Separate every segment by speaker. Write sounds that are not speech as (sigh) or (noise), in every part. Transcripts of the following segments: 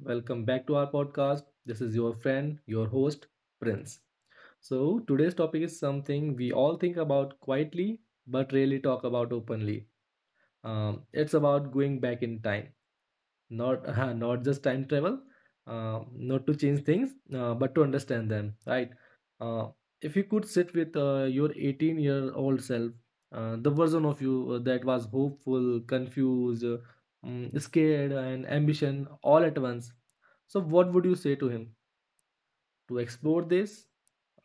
Speaker 1: Welcome back to our podcast. This is your friend, your host, Prince. So, today's topic is something we all think about quietly but rarely talk about openly. It's about going back in time, not (laughs) not just time travel, not to change things, but to understand them, right? uh, if you could sit with your 18-year-old self, the version of you that was hopeful, confused, scared and ambition all at once, so what would you say to him? To explore this,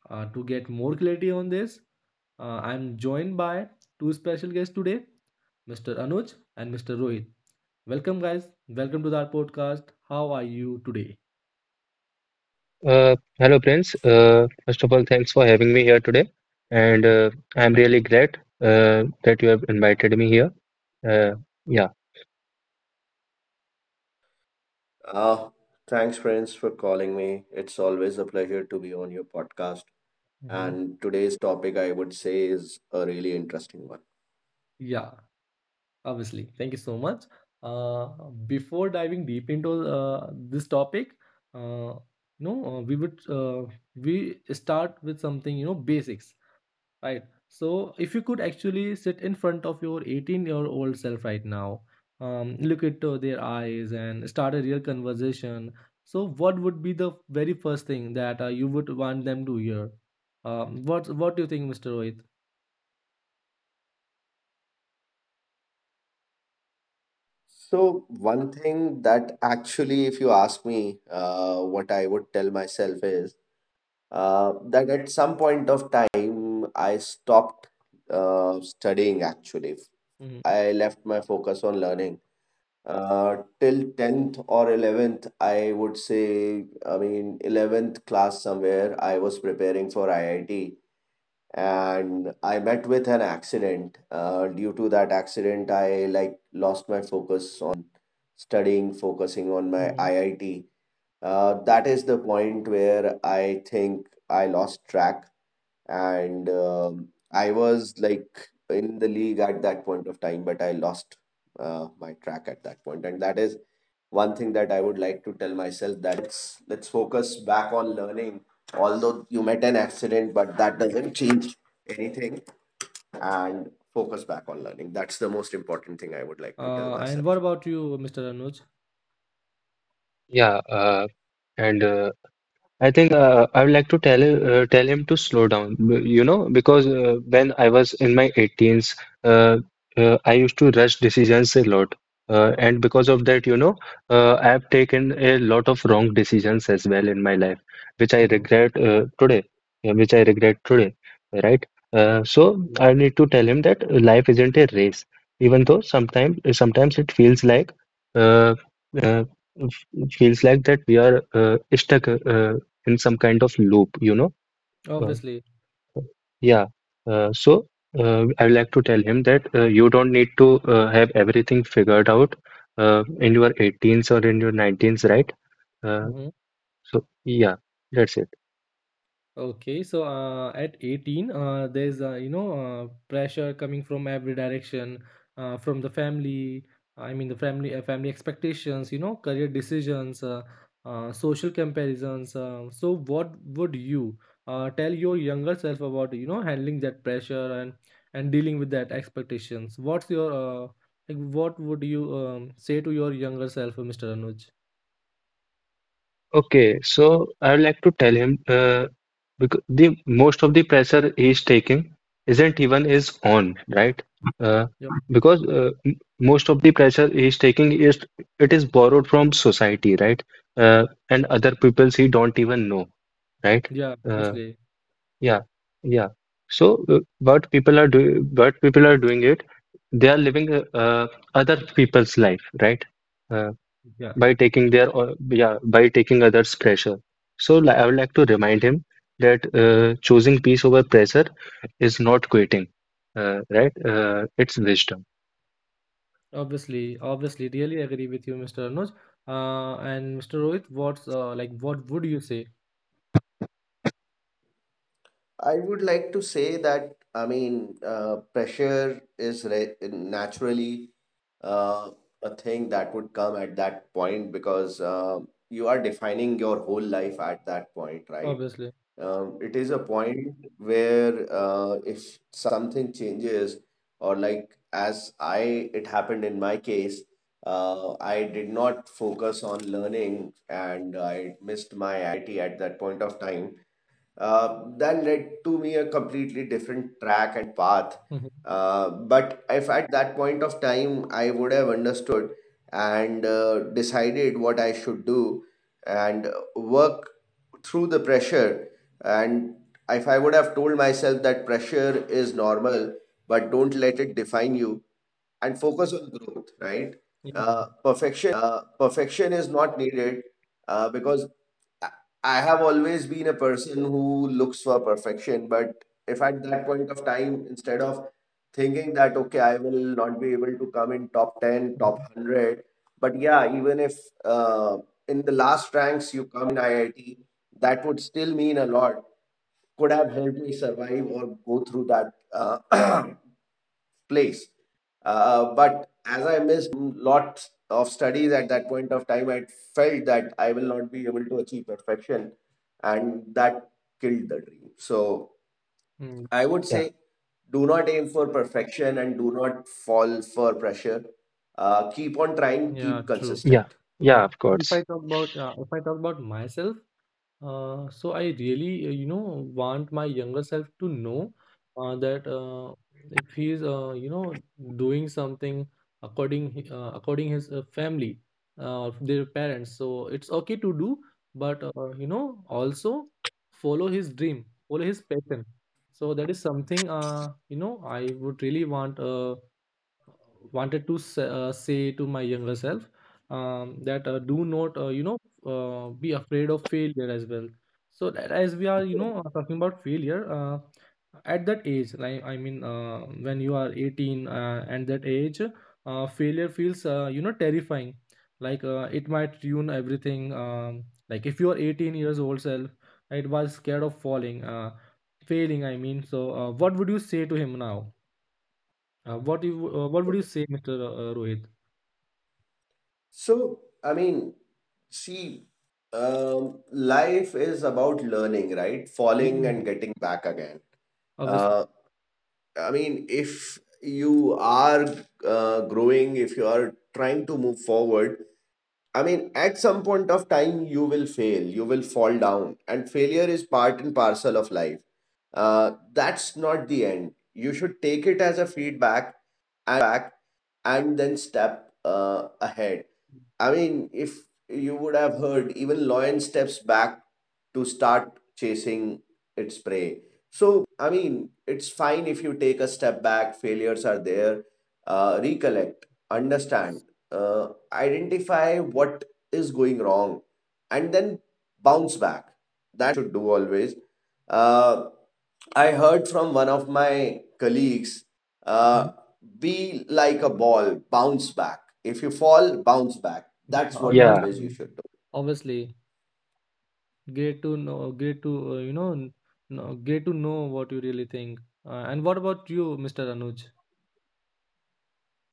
Speaker 1: to get more clarity on this, I'm joined by two special guests today, Mr. Anuj and Mr. Rohit. Welcome, guys. Welcome to our podcast. How are you today?
Speaker 2: Hello, Prince. First of all, thanks for having me here today. And
Speaker 1: Mhm,
Speaker 2: I'm really glad that you have invited me here. Uh, yeah,
Speaker 3: Uh, Thanks, friends, for calling me. It's always a pleasure to be on your podcast.
Speaker 1: mhm.
Speaker 3: And today's topic, I would say, is a really interesting one.
Speaker 1: Yeah, obviously. Thank you so much. Uh, Before diving deep into this topic, uh, you know, uh, we would uh, we start with something basics. Right. So if you could actually sit in front of your 18-year-old self right now, look into their eyes and start a real conversation. So what would be the very first thing that you would want them to hear? What do you think, Mr. Rohit?
Speaker 3: So, one thing that actually, if you ask me, what I would tell myself is that at some point of time, I stopped studying actually.
Speaker 1: Hmm.
Speaker 3: I left my focus on learning. Till 10th or 11th, I would say, I mean, 11th class somewhere, I was preparing for IIT, and I met with an accident. Due to that accident, I like lost my focus on studying, focusing on my
Speaker 1: Hmm.
Speaker 3: IIT. That is the point where I think I lost track, and I was like in the league at that point of time, but I lost my track at that point, and that is one thing that I would like to tell myself: that let's focus back on learning. Although you met an accident, but that doesn't change anything, and focus back on learning. That's the most important thing I would like to tell
Speaker 1: And
Speaker 3: myself.
Speaker 1: what about you, Mr. Anuj?
Speaker 2: yeah. And I think I would like to tell him to slow down, because when I was in my 18s, uh, I used to rush decisions a lot. And because of that, I have taken a lot of wrong decisions as well in my life, which I
Speaker 1: Hmm.
Speaker 2: regret uh, today, which I regret today, right? So I need to tell him that life isn't a race, even though sometimes it feels like uh, uh, f- feels like that we are stuck. In some kind of loop. Uh,
Speaker 1: Obviously.
Speaker 2: yeah. So I would like to tell him that you don't need to have everything figured out in your 18s or in your 19s, right? Uh, so yeah, that's it.
Speaker 1: Okay, so at 18, there's pressure coming from every direction, from the family. I mean, the family family expectations, career decisions, social comparisons. So, what would you tell your younger self about handling that pressure and dealing with that expectations? What's your like? What would you say to your younger self, Mr. Anuj?
Speaker 2: Okay. So I would like to tell him. Because the most of the pressure he's taking isn't even is on, right? Uh,
Speaker 1: Yeah,
Speaker 2: because most of the pressure he's taking is borrowed from society, right? And other peoples he don't even know, right?
Speaker 1: yeah,
Speaker 2: Uh,
Speaker 1: honestly,
Speaker 2: yeah, yeah. So what people are doing, but people are doing it, they are living other people's life, right? Uh,
Speaker 1: yeah.
Speaker 2: by taking their or yeah by taking others' pressure. So I would like to remind him that choosing peace over pressure is not quitting, right? It's wisdom.
Speaker 1: Obviously, obviously, really agree with you, Mr. Anuj. And Mr. Rohit, what would you say?
Speaker 3: I would like to say that, I mean, pressure is naturally uh, a thing that would come at that point, because you are defining your whole life at that point, right?
Speaker 1: Obviously.
Speaker 3: It is a point where if something changes, or like as I it happened in my case, I did not focus on learning and I missed my IIT at that point of time. That led to me a completely different track and path.
Speaker 1: Mhm.
Speaker 3: But if at that point of time I would have understood and decided what I should do and work through the pressure, and if I would have told myself that pressure is normal, but don't let it define you, and focus on growth, right?
Speaker 1: Mm.
Speaker 3: Perfection is not needed, because I I have always been a person who looks for perfection. But if at that point of time, instead of thinking that, okay, I will not be able to come in top 10, top
Speaker 1: Mhm.
Speaker 3: 100, but yeah, even if uh, in the last ranks you come in IIT, that would still mean a lot. Could have helped me survive or go through that (clears throat) place. But as I missed lots of studies at that point of time, I felt that I will not be able to achieve perfection, and that killed the dream. So
Speaker 1: Mm.
Speaker 3: I would
Speaker 2: Yeah,
Speaker 3: say, do not aim for perfection and do not fall for pressure. Keep on trying,
Speaker 1: Yeah,
Speaker 3: keep
Speaker 1: true.
Speaker 2: yeah,
Speaker 3: consistent.
Speaker 2: yeah. Of
Speaker 1: If I
Speaker 2: course.
Speaker 1: talk about if I talk about myself. So I really, want my younger self to know that if he's, doing something according his family, their parents, so it's okay to do, but also follow his dream, follow his passion. So that is something, I would really want. Wanted to say to my younger self that do not be afraid of failure as well. So that, as we are talking about failure at that age, like I mean when you are 18, and that age, failure feels terrifying. Like it might ruin everything, like if you are 18 years old self, it was scared of falling failing, I mean. So what would you say to him now? What would you say, Mr. Rohit?
Speaker 3: So I mean, see, life is about learning, right?
Speaker 1: Yeah,
Speaker 3: Falling and getting back again.
Speaker 1: obviously.
Speaker 3: Uh, I mean, if you are growing, if you are trying to move forward, I mean, at some point of time, you will fail, you will fall down, and failure is part and parcel of life. That's not the end. You should take it as a feedback and then step ahead. I mean, if you would have heard, even lion steps back to start chasing its prey. So, I mean, it's fine if you take a step back, failures are there. Recollect, understand, uh, identify what is going wrong, and then bounce back. That's what you should do always. uh, I heard from one of my colleagues, uh,
Speaker 1: Mhm.
Speaker 3: be like a ball, bounce back. If you fall, bounce back.
Speaker 1: Yeah,
Speaker 3: That's what
Speaker 2: Yeah.
Speaker 3: always you
Speaker 1: obviously.
Speaker 3: should do.
Speaker 1: Obviously, great to know. Great to know what you really think. And what about you, Mr. Anuj?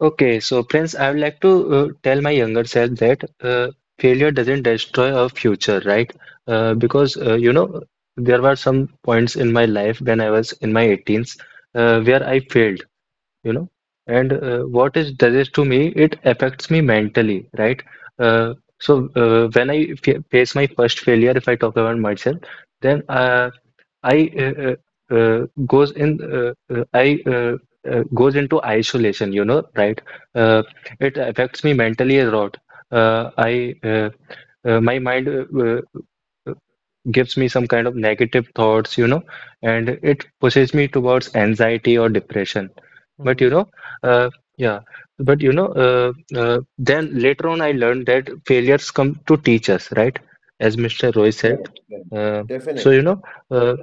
Speaker 2: Okay. So Prince, I would like to tell my younger self that failure doesn't destroy our future, right?
Speaker 1: Hmm.
Speaker 2: Because there were some points in my life when I was in my 18s where I failed you know and what it does to me, it affects me mentally, right? uh, so when I fa face my first failure, if I talk about myself, then I uh, uh, uh, goes in I goes into isolation, right? uh, it affects me mentally a lot. Uh, I uh, my mind gives me some kind of negative thoughts, and it pushes me towards anxiety or depression. but
Speaker 1: Hmm.
Speaker 2: you know, uh, yeah, but then later on, I learned that failures come to teach us, right? As Mr. Roy said.
Speaker 3: Correct, correct.
Speaker 2: Uh, so
Speaker 3: Definitely,
Speaker 2: uh,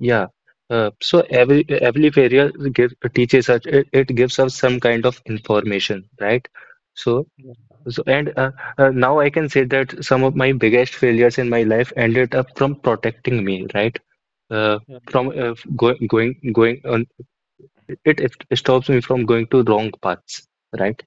Speaker 2: yeah. So every failure, teaches us. It gives us some kind of information, right? So
Speaker 1: Yeah,
Speaker 2: so, and now I can say that some of my biggest failures in my life ended up from protecting me, right? Uh,
Speaker 1: yeah,
Speaker 2: from going on, it stops me from going to wrong paths, right?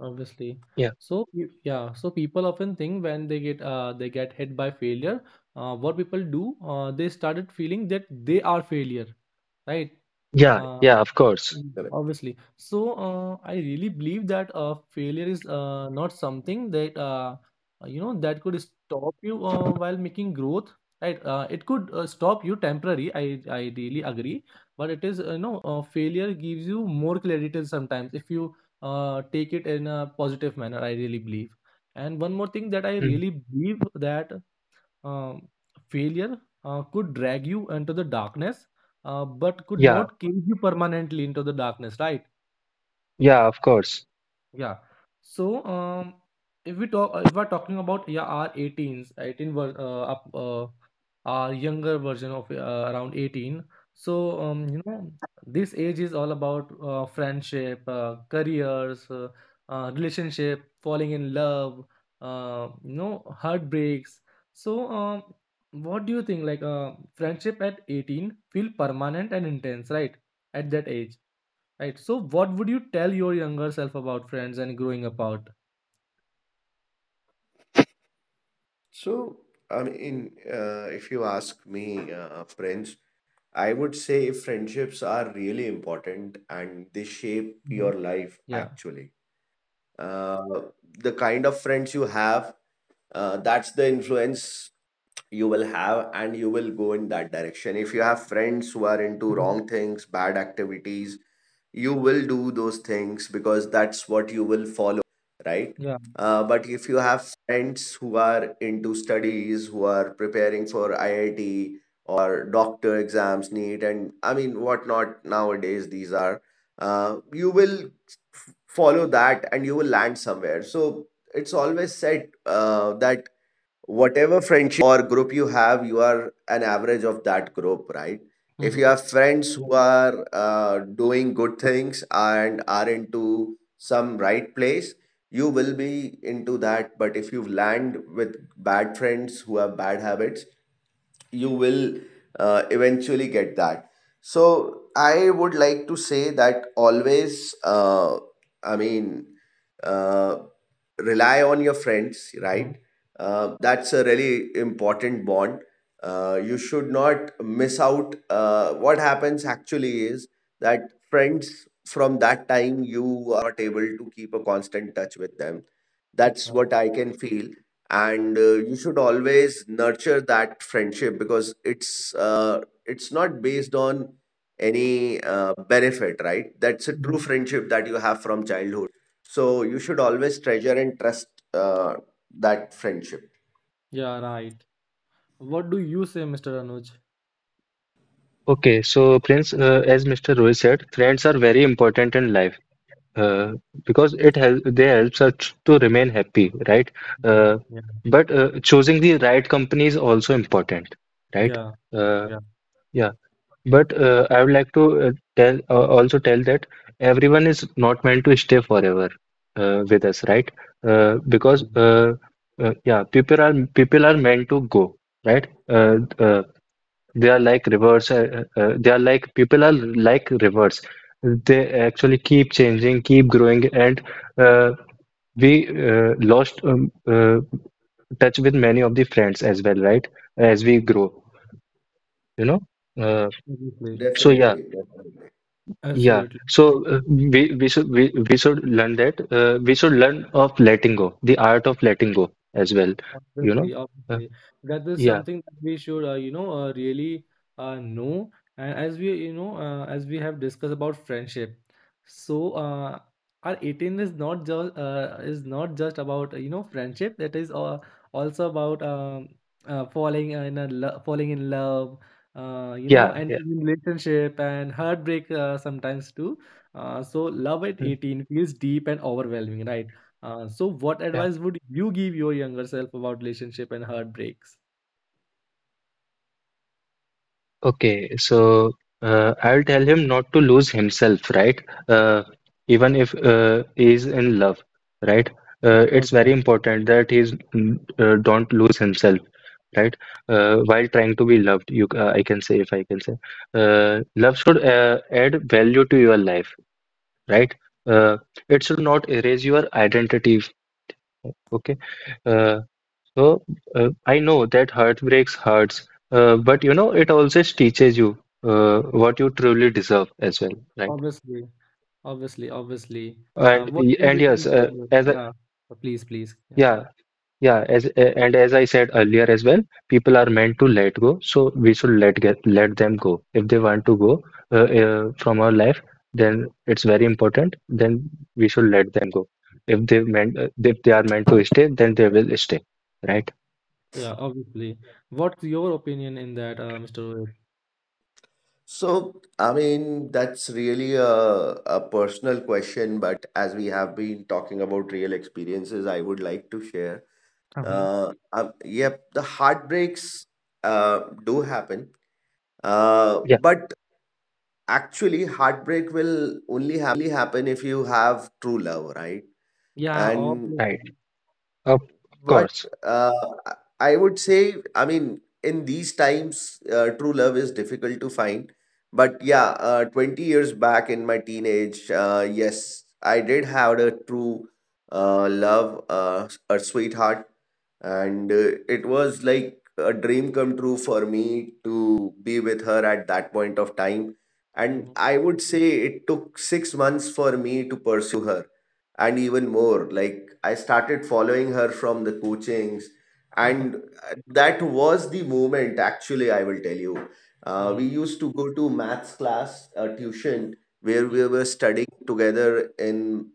Speaker 1: obviously.
Speaker 2: Yeah,
Speaker 1: So people often think when they get hit by failure, what people do, they started feeling that they are failure, right?
Speaker 2: yeah,
Speaker 1: Uh,
Speaker 2: yeah, of course.
Speaker 1: Mm.
Speaker 3: correct.
Speaker 1: Obviously. So I really believe that failure is not something that could stop you while making growth. Right? It could stop you temporary. I really agree. But it is you know failure gives you more clarity sometimes if you take it in a positive manner. I really believe. And one more thing that I
Speaker 2: Mm,
Speaker 1: really believe, that um, failure could drag you into the darkness, but could
Speaker 2: yeah,
Speaker 1: not cage you permanently into the darkness, right?
Speaker 2: yeah, of course.
Speaker 1: Yeah. So, if we're talking about, yeah, our 18s, our younger version of around 18. So, this age is all about friendship, careers, relationship, falling in love, heartbreaks. So, what do you think? Like, friendship at 18 feel permanent and intense, right? At that age. Right. So, what would you tell your younger self about friends and growing apart?
Speaker 3: So, I mean, if you ask me, friends, I would say friendships are really important, and they shape
Speaker 1: Mhm,
Speaker 3: your life
Speaker 1: yeah.
Speaker 3: actually. uh, the kind of friends you have, that's the influence you will have, and you will go in that direction. If you have friends who are into
Speaker 1: Mhm,
Speaker 3: wrong things, bad activities, you will do those things, because that's what you will follow, right?
Speaker 1: yeah.
Speaker 3: But if you have friends who are into studies, who are preparing for IIT or doctor exams, need, and I mean whatnot nowadays, these are you will follow that, and you will land somewhere. So it's always said that whatever friendship or group you have, you are an average of that group, right? If
Speaker 1: Hmm.
Speaker 3: you have friends who are doing good things and are into some right place, you will be into that. But if you land with bad friends who have bad habits, you will eventually get that. So I would like to say that always, I mean, uh, rely on your friends,
Speaker 1: Mhm,
Speaker 3: right? That's a really important bond. You should not miss out. What happens actually is that friends from that time, you are not able to keep a constant touch with them. That's
Speaker 1: yeah.
Speaker 3: what I can feel, and you should always nurture that friendship, because it's not based on any benefit, right? That's a true
Speaker 1: Mhm,
Speaker 3: friendship that you have from childhood, so you should always treasure and trust uh, that friendship.
Speaker 1: yeah. Right. What do you say, Mr. Anuj?
Speaker 2: Okay, so Prince, as Mr. Roy said, friends are very important in life uh, because it help they helps us to remain happy, right?
Speaker 1: Mhm.
Speaker 2: Uh,
Speaker 1: Yeah,
Speaker 2: but choosing the right company is also important, right?
Speaker 1: yeah.
Speaker 2: Uh,
Speaker 1: Yeah.
Speaker 2: yeah. But I would like to tell also tell that everyone is not meant to stay forever with us, right? Because
Speaker 1: Obviously.
Speaker 2: yeah, people are meant to go, right? They are like rivers. They are like People are like rivers. They actually keep changing, keep growing, and uh, we lost touch with many of the friends as well, right? As we grow, you know. Uh,
Speaker 1: Absolutely.
Speaker 2: so yeah,
Speaker 3: Definitely, definitely.
Speaker 2: yeah,
Speaker 1: Absolutely.
Speaker 2: so we should learn that we should learn of letting go, the art of letting go as well, you
Speaker 1: Obviously,
Speaker 2: know. Uh,
Speaker 1: obviously. That is
Speaker 2: yeah,
Speaker 1: something that we should, really know. And as we have discussed about friendship, so our 18 is not just about, friendship. It is also about falling in love,
Speaker 2: yeah,
Speaker 1: and
Speaker 2: yeah,
Speaker 1: relationship and heartbreak sometimes too. So love at
Speaker 2: mm,
Speaker 1: 18 feels deep and overwhelming, right? So, what
Speaker 2: yeah.
Speaker 1: advice would you give your younger self about relationship and heartbreaks?
Speaker 2: Okay, so I'll tell him not to lose himself, right? Uh, Even if he's in love, right?
Speaker 1: Hmm,
Speaker 2: It's very
Speaker 1: okay.
Speaker 2: important that he's don't lose himself, right? While trying to be loved, you I can say if I can say, love should add value to your life, right? Uh, it should not erase your identity. Okay. Uh, so I know that heartbreaks hurts, but it also teaches you what you truly deserve as well, right?
Speaker 1: Obviously, obviously, obviously.
Speaker 2: And
Speaker 1: What do
Speaker 2: and
Speaker 1: you
Speaker 2: yes,
Speaker 1: think?
Speaker 2: as a
Speaker 1: Yeah. Please, please. Yeah,
Speaker 2: yeah, yeah, as a- and as I said earlier as well, people are meant to let go, so we should let them go. If they want to go from our life, then it's very important. Then we should let them go. If they are meant to stay, then they will stay, right?
Speaker 1: yeah. Obviously, what's your opinion in that, Mr. Rohit?
Speaker 3: So I mean, that's really a personal question, but as we have been talking about real experiences, I would like to share.
Speaker 1: Hmm.
Speaker 3: Yep, the heartbreaks do happen.
Speaker 2: Yeah,
Speaker 3: But actually, heartbreak will only happen if you have true love, right?
Speaker 1: Yeah,
Speaker 3: And
Speaker 2: right.
Speaker 1: obviously.
Speaker 2: Of
Speaker 3: but
Speaker 2: course.
Speaker 3: uh, I I would say, I mean, in these times, true love is difficult to find. But yeah, 20 years back in my teenage, yes, I did have a true love, a sweetheart. And it was like a dream come true for me to be with her at that point of time. And
Speaker 1: Hmm.
Speaker 3: I would say, it took 6 months for me to pursue her, and even more. Like, I started following her from the coachings, and that was the moment. Actually, I will tell you,
Speaker 1: Hmm.
Speaker 3: we used to go to maths class, tuition, where we were
Speaker 1: Hmm.
Speaker 3: studying together in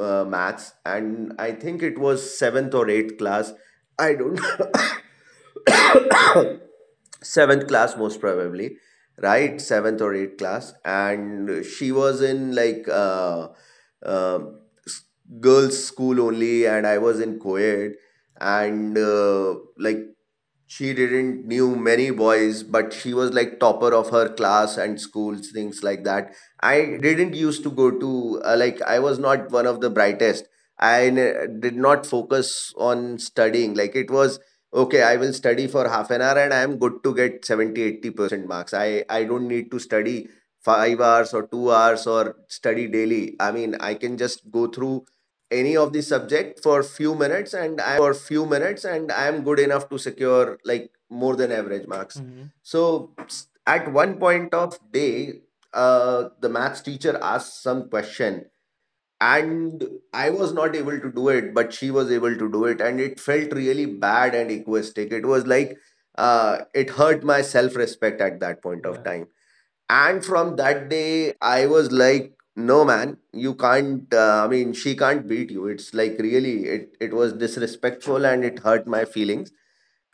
Speaker 3: maths. And I think it was 7th or 8th class, I don't (coughs) (coughs) seventh class most probably, right?
Speaker 1: Hmm.
Speaker 3: Seventh or eighth class. And she was in like um s- girls school only, and I was in co-ed. And like, she didn't knew many boys, but she was like topper of her class and schools, things like that. I
Speaker 1: Hmm.
Speaker 3: didn't used to go to like, I was not one of the brightest. I did not focus on studying. Like, it was okay, I will study for half an hour, and I am good to get 70, 80% marks. I don't need to study 5 hours or 2 hours or study daily. I mean, I can just go through any of the subject for few minutes, and I am good enough to secure like more than average marks. So, at one point of day, the maths teacher asked some question, and I was not able to do it, but she was able to do it. And it felt really bad and egoistic. It was like it hurt my self respect at that
Speaker 1: (laughs)
Speaker 3: point of
Speaker 1: Yeah.
Speaker 3: time. And from that day, I was like, no, man, you can't, I mean, she can't beat you. It's like really, it was disrespectful, and it hurt my feelings.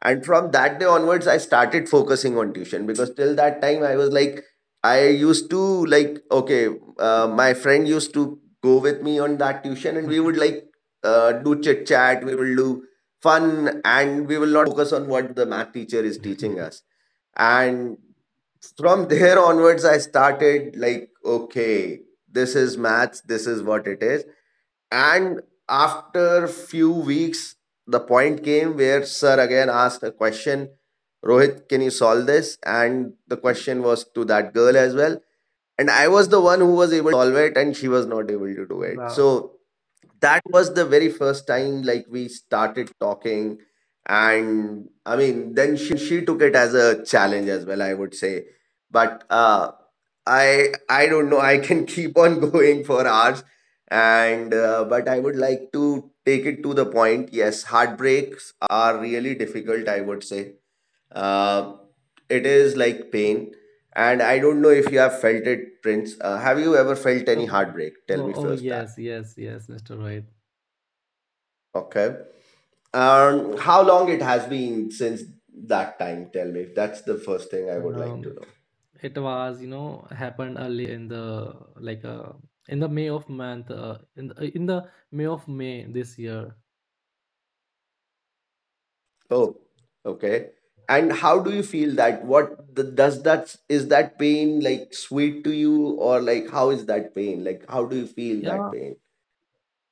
Speaker 3: And from that day onwards, I started focusing on tuition, because till that time I was like, I used to like, okay, my friend used to go with me on that tuition, and we would
Speaker 1: Hmm.
Speaker 3: like do chit chat, we will do fun, and we will not focus on what the math teacher is teaching
Speaker 1: (laughs)
Speaker 3: us. And from there onwards, I started like, okay, this is maths, this is what it is. And after few weeks, the point came where sir again asked a question: Rohit, can you solve this? And the question was to that girl as well. And I was the one who was able to solve it, and she was not able to do it.
Speaker 1: Wow.
Speaker 3: So that was the very first time, like, we started talking. And I mean, then she took it as a challenge as well, I would say. But I don't know, I can keep on (laughs) going for hours. And but I would like to take it to the point. Yes, heartbreaks are really difficult, I would say. uh it is like pain, and I don't know if you have felt it, Prince. Have you ever felt
Speaker 1: Oh,
Speaker 3: any heartbreak? Tell
Speaker 1: oh,
Speaker 3: me
Speaker 1: oh,
Speaker 3: first, that,
Speaker 1: yes, yes, yes, Mr. Rohit.
Speaker 3: okay. And how long it has been since that time? Tell me. That's the first thing I would like
Speaker 1: Um,
Speaker 3: to know.
Speaker 1: It was, happened early like uh, in the May of May this year. So
Speaker 3: Oh, okay. And how do you feel that? What does that, is that pain like sweet to you, or like how is that pain? Like, how do you feel that
Speaker 1: yeah.
Speaker 3: pain?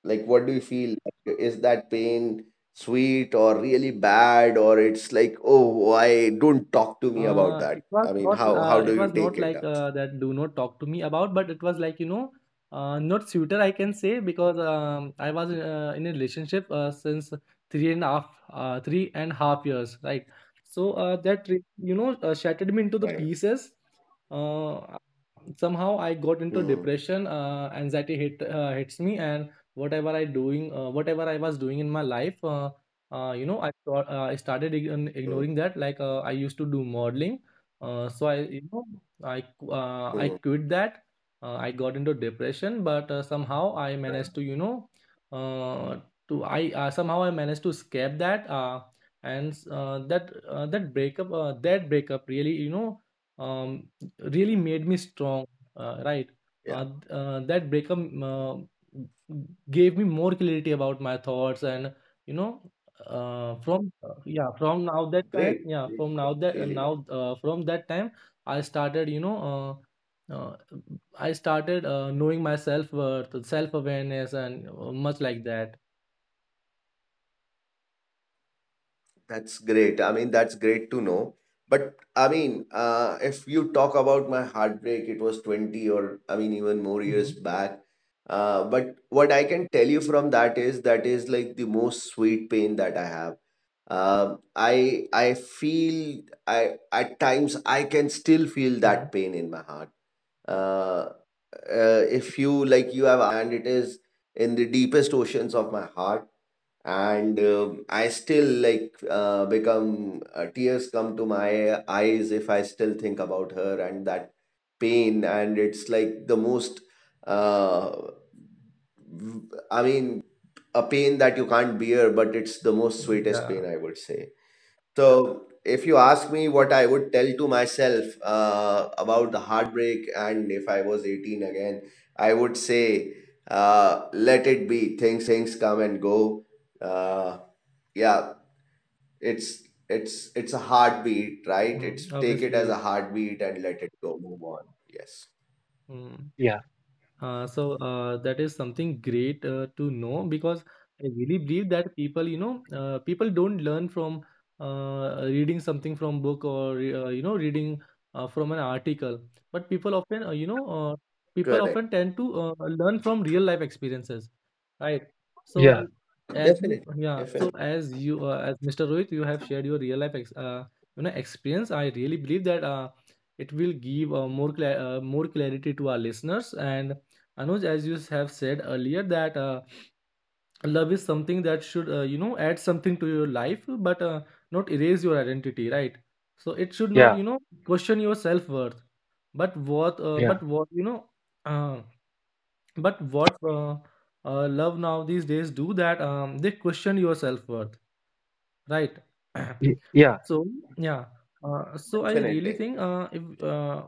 Speaker 3: Like, what do you feel? Like, is that pain sweet or really bad, or it's like, oh, why don't talk to me about that?
Speaker 1: It was
Speaker 3: I mean,
Speaker 1: not
Speaker 3: how
Speaker 1: uh,
Speaker 3: do
Speaker 1: it
Speaker 3: you
Speaker 1: was
Speaker 3: take
Speaker 1: not
Speaker 3: it
Speaker 1: like
Speaker 3: up?
Speaker 1: that, do not talk to me about, but it was like not suitor, I can say, because I was in a relationship since three and a half 3.5 years, right? So that re- you know shattered me into the
Speaker 3: Right.
Speaker 1: pieces, uh, somehow I got into
Speaker 3: Hmm.
Speaker 1: depression, anxiety hit hits me, and whatever I was doing in my life. I thought I started
Speaker 3: Hmm.
Speaker 1: ignoring that. Like I used to do modeling, so I I
Speaker 3: Hmm.
Speaker 1: quit that. I got into depression, but somehow I managed to you know uh, to I somehow I managed to escape that. And that breakup really um, really made me strong, right?
Speaker 3: Yeah.
Speaker 1: That breakup uh, gave me more clarity about my thoughts, and you know
Speaker 3: Great. Great. That's really.
Speaker 1: from that time I started uh, uh, knowing my self worth, self awareness, and much like that.
Speaker 3: That's great. I mean, that's great to know. But I mean, if you talk about my heartbreak, it was 20, or I mean, even more
Speaker 1: Mm-hmm.
Speaker 3: years back. But what I can tell you from that is like the most sweet pain that I have. I feel I At times I can still feel
Speaker 1: Mm-hmm.
Speaker 3: that pain in my heart. Uh, if you like, you have asked, and it is in the deepest oceans of my heart. And I still like become tears come to my eyes if I still think about her and that pain. And it's like the most uh, v- I mean, a pain that you can't bear, but it's the most sweetest pain,
Speaker 1: Yeah.
Speaker 3: I would say. So, if you ask me what I would tell to myself about the heartbreak, and if I was 18 again, I would say, let it be. Things come and go. Uh, yeah, it's a heartbeat, right? It's
Speaker 1: Mm,
Speaker 3: take it as
Speaker 1: obviously.
Speaker 3: a heartbeat and let it go. Move on. Yes,
Speaker 1: Mm.
Speaker 2: Yeah,
Speaker 1: So that is something great to know because I really believe that people don't learn from reading something from book or reading from an article, but people often, uh, you know, uh, people
Speaker 3: correct.
Speaker 1: often tend to learn from real life experiences, right? So
Speaker 2: yeah,
Speaker 1: as you,
Speaker 3: Definitely,
Speaker 1: yeah,
Speaker 3: definitely,
Speaker 1: so as you, uh, as Mr. Rohit, you have shared your real life experience. I really believe that it will give more clarity to our listeners, and Anuj, as you have said earlier, that love is something that should, add something to your life, but not erase your identity, right? So it should not,
Speaker 2: yeah,
Speaker 1: question your self worth. But what, uh,
Speaker 2: yeah,
Speaker 1: but what, you know, uh, but what love now these days do that, they question your self worth, right? (clears throat)
Speaker 2: yeah.
Speaker 1: So yeah. So I really
Speaker 3: definitely.
Speaker 1: think if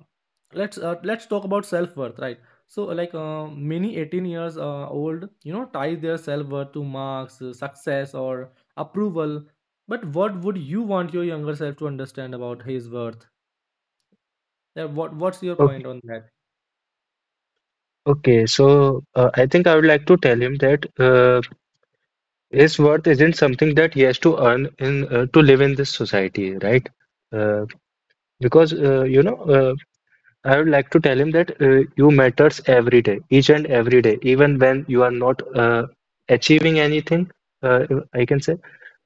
Speaker 1: let's talk about self worth, right? So like many 18 years old, tie their self worth to marks, success, or approval. But what would you want your younger self to understand about his worth? Yeah, what's your
Speaker 2: Okay,
Speaker 1: point on that?
Speaker 2: okay. So I think I would like to tell him that his worth isn't something that he has to earn in to live in this society, right? Uh, because I would like to tell him that you matters every day, each and every day, even when you are not achieving anything. Uh, I can say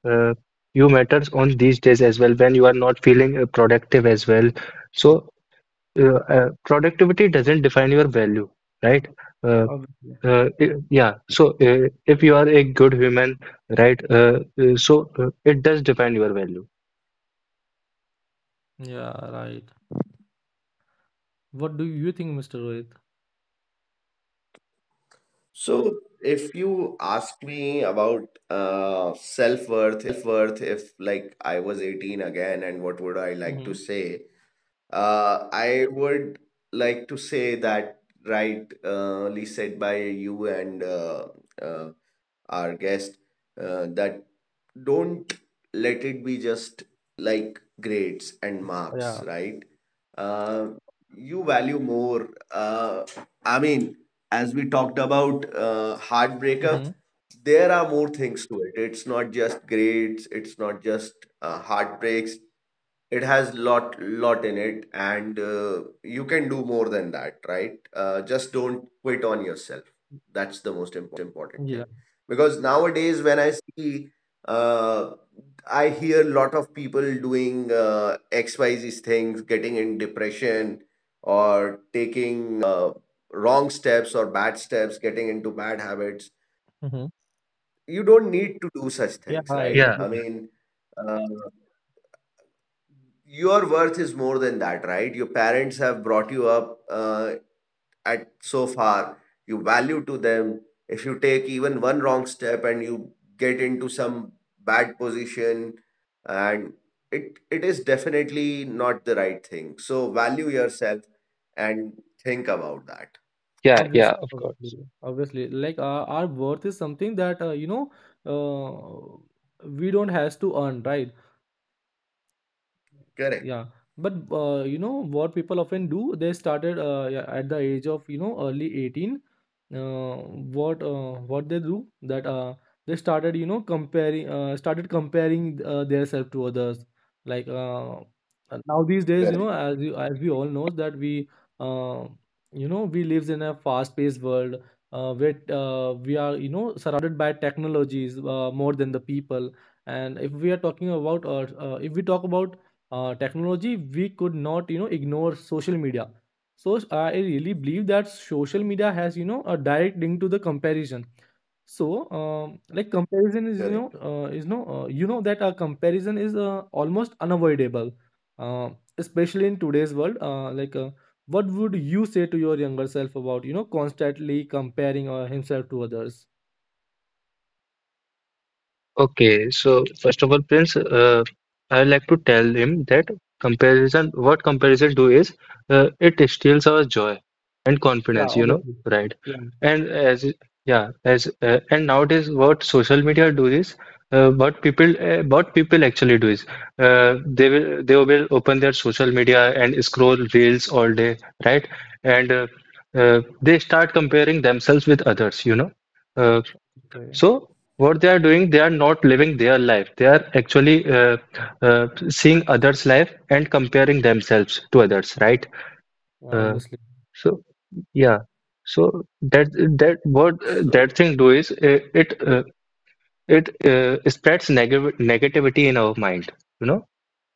Speaker 2: uh, you matters on these days as well when you are not feeling productive as well. So productivity doesn't define your value, right? Uh,
Speaker 1: Obviously.
Speaker 2: yeah, so if you are a good human, right? So it does define your value.
Speaker 1: Yeah, right. What do you think, Mr. Rohit?
Speaker 3: So, if you ask me about self-worth, if like I was 18 again, and what would I like to
Speaker 1: Mm-hmm.
Speaker 3: say? I would like to say that right, said by you and uh, our guest, that don't let it be just like grades and marks,
Speaker 1: Yeah.
Speaker 3: right? Uh, you value more. I mean, as we talked about hard breakup,
Speaker 1: Mm-hmm.
Speaker 3: there are more things to it. It's not just grades, it's not just heartbreaks. It has lot in it. And you can do more than that, right? Just don't quit on yourself. That's the most important thing.
Speaker 1: Yeah.
Speaker 3: Because nowadays when uh, I hear a lot of people doing xyz things, getting in depression, or taking wrong steps or bad steps, getting into bad habits.
Speaker 1: Mm-hmm.
Speaker 3: You don't need to do such
Speaker 1: Yeah,
Speaker 3: things,
Speaker 1: right.
Speaker 3: right?
Speaker 2: Yeah,
Speaker 3: I
Speaker 1: Obviously.
Speaker 3: mean, uh, your worth is more than that, right? Your parents have brought you up, uh, at so far you value to them. If you take even one wrong step and you get into some bad position, and it is definitely not the right thing. So value yourself and think about that.
Speaker 2: yeah, yeah,
Speaker 1: Obviously,
Speaker 2: of course.
Speaker 1: obviously, obviously. Like our worth is something that we don't has to earn, right?
Speaker 3: Correct.
Speaker 1: Yeah, but what people often do, they started at the age of early 18. uh, what they do that they started comparing started comparing their self to others. like uh, Now these days,
Speaker 3: Correct,
Speaker 1: as as we all know, that we uh, we lives in a fast paced world where we are, surrounded by technologies more than the people. And if we are talking about if we talk about technology, we could not, ignore social media. So I really believe that social media has, a direct link to the comparison. So, like comparison is,
Speaker 3: correct.
Speaker 1: is no, you know that a comparison is almost unavoidable, uh, especially in today's world. What would you say to your younger self about, constantly comparing himself to others?
Speaker 2: Okay, so first of all, Prince, I would like to tell him that what comparison do is, it steals our joy and
Speaker 1: Yeah,
Speaker 2: confidence,
Speaker 1: obviously.
Speaker 2: right?
Speaker 1: Yeah,
Speaker 2: And as Yeah, as and nowadays, what people actually do is, they will open their social media and scroll reels all day, right? And they start comparing themselves with others. Uh,
Speaker 1: yeah,
Speaker 2: so what they are doing, they are not living their life. They are actually seeing others' life and comparing themselves to others, right?
Speaker 1: yeah,
Speaker 2: Uh,
Speaker 1: obviously,
Speaker 2: so yeah, so that
Speaker 3: so,
Speaker 2: thing do is, it spreads negative negativity in our mind, you know?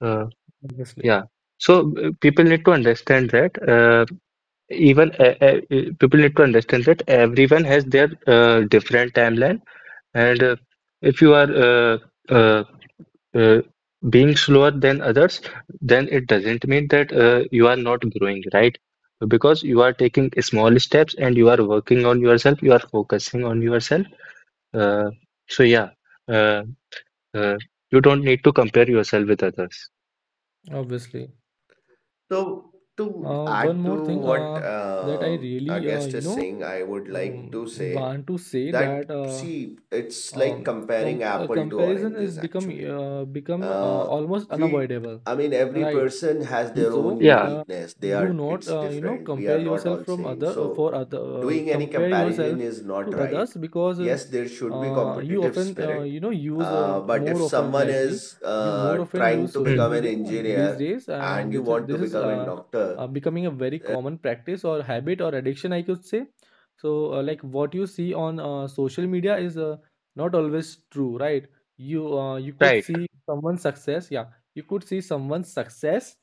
Speaker 2: Uh,
Speaker 1: obviously,
Speaker 2: yeah. So people need to understand that even people need to understand that everyone has their different timeline, and if you are uh, uh, being slower than others, then it doesn't mean that you are not growing, right? Because you are taking small steps and you are working on yourself, you are focusing on yourself. Uh, so yeah, uh, uh, you don't need to compare yourself with others.
Speaker 1: obviously.
Speaker 3: so, to
Speaker 1: One
Speaker 3: add to
Speaker 1: more thing
Speaker 3: what
Speaker 1: that I
Speaker 3: our
Speaker 1: really,
Speaker 3: guest is saying, I would like to say
Speaker 1: want to say,
Speaker 3: that,
Speaker 1: that
Speaker 3: see, it's like
Speaker 1: um,
Speaker 3: comparing apple to
Speaker 1: comparison is
Speaker 3: oranges, actually.
Speaker 1: become
Speaker 3: Uh,
Speaker 1: almost
Speaker 3: we,
Speaker 1: unavoidable,
Speaker 3: I mean, every
Speaker 1: right?
Speaker 3: person has
Speaker 2: Y-
Speaker 3: their own
Speaker 1: So
Speaker 2: Yeah,
Speaker 3: uniqueness. They are,
Speaker 1: do not
Speaker 3: it's different. We
Speaker 1: compare
Speaker 3: are not
Speaker 1: yourself
Speaker 3: all
Speaker 1: from
Speaker 3: same.
Speaker 1: other
Speaker 3: So,
Speaker 1: for other
Speaker 3: doing any
Speaker 1: compare
Speaker 3: comparison
Speaker 1: yourself
Speaker 3: is not
Speaker 1: to others,
Speaker 3: right.
Speaker 1: because
Speaker 3: Yes, there should be
Speaker 1: you
Speaker 3: competitive
Speaker 1: often
Speaker 3: spirit.
Speaker 1: you know use
Speaker 3: But if
Speaker 1: more often
Speaker 3: someone
Speaker 1: likely
Speaker 3: is
Speaker 1: you more often
Speaker 3: trying
Speaker 1: use
Speaker 3: to
Speaker 1: social
Speaker 2: mm,
Speaker 3: become an
Speaker 1: media these
Speaker 3: engineer,
Speaker 1: days.
Speaker 3: and
Speaker 1: And
Speaker 3: you want to
Speaker 1: this is
Speaker 3: become a doctor,
Speaker 1: becoming a very
Speaker 3: uh,
Speaker 1: common practice, or habit, or addiction, I could say. So like, what you see on social media is not always true, right? You could
Speaker 2: right.
Speaker 1: see someone's success, yeah. You could see someone's success,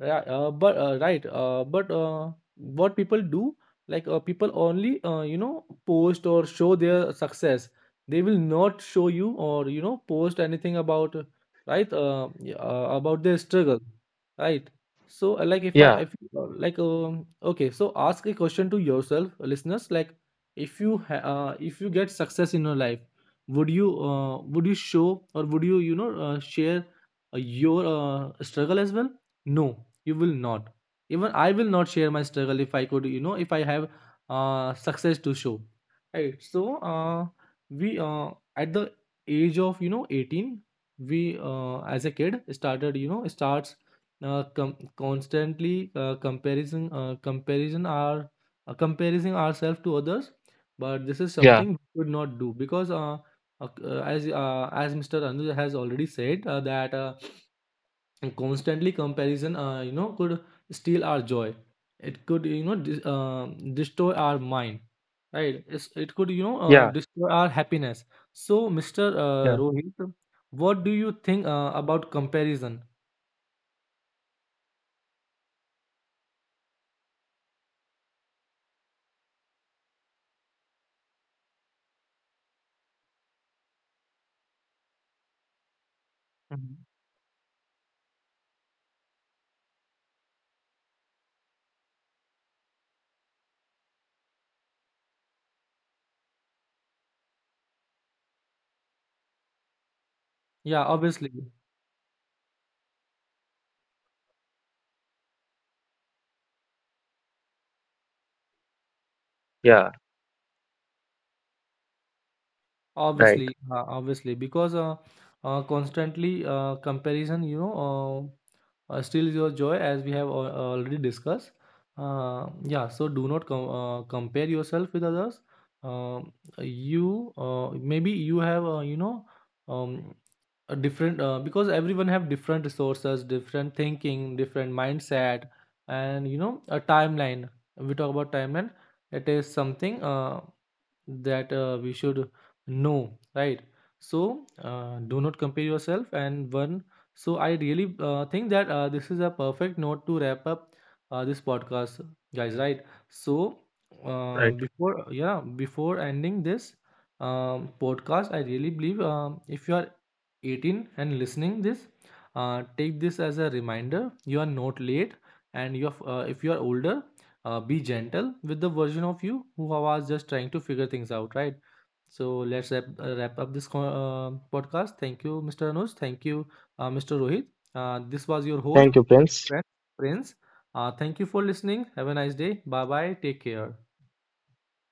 Speaker 1: yeah, but right, but what people do, people only post or show their success. They will not show you, or post anything about, right, yeah, about their struggle, right? So
Speaker 2: Yeah,
Speaker 1: if you, okay, so ask a question to yourself, listeners. If you ha if you get success in your life, would you, would you show, or would you, you know share your struggle as well? No, you will not. Even I will not share my struggle if I could, if I have success to show. Right. So we at the age of, 18, we as a kid started you know starts constantly comparison our comparing ourselves to others. But this is
Speaker 2: yeah,
Speaker 1: something we should not do, because as Mr. Anuj has already said that. And constantly comparison could steal our joy, it could, destroy our mind, right? It could,
Speaker 2: yeah,
Speaker 1: destroy our happiness. So mr
Speaker 2: yeah,
Speaker 1: Rohit, what do you think about comparison? Mhm. Yeah, obviously.
Speaker 2: yeah, right,
Speaker 1: Obviously, obviously, because constantly comparison, steals your joy, as we have already discussed. Yeah, so do not compare yourself with others. Um you maybe you have, um, a different because everyone have different resources, different thinking, different mindset, and, a timeline. We talk about timeline. It is something that we should no, right. So do not compare yourself, and one. So I really think that this is a perfect note to wrap up this podcast, guys. Right. So
Speaker 2: right.
Speaker 1: before yeah, before ending this podcast, I really believe, if you are 18 and listening this, take this as a reminder. You are not late, and you are, if you are older, be gentle with the version of you who was just trying to figure things out. Right, so let's wrap up this podcast. Thank you, Mr. Anuj. Thank you, Mr. Rohit. This was your host,
Speaker 2: Thank you,
Speaker 1: your
Speaker 2: Prince.
Speaker 1: friend, Prince. Thank you for listening. Have a nice day. Bye bye. Take care.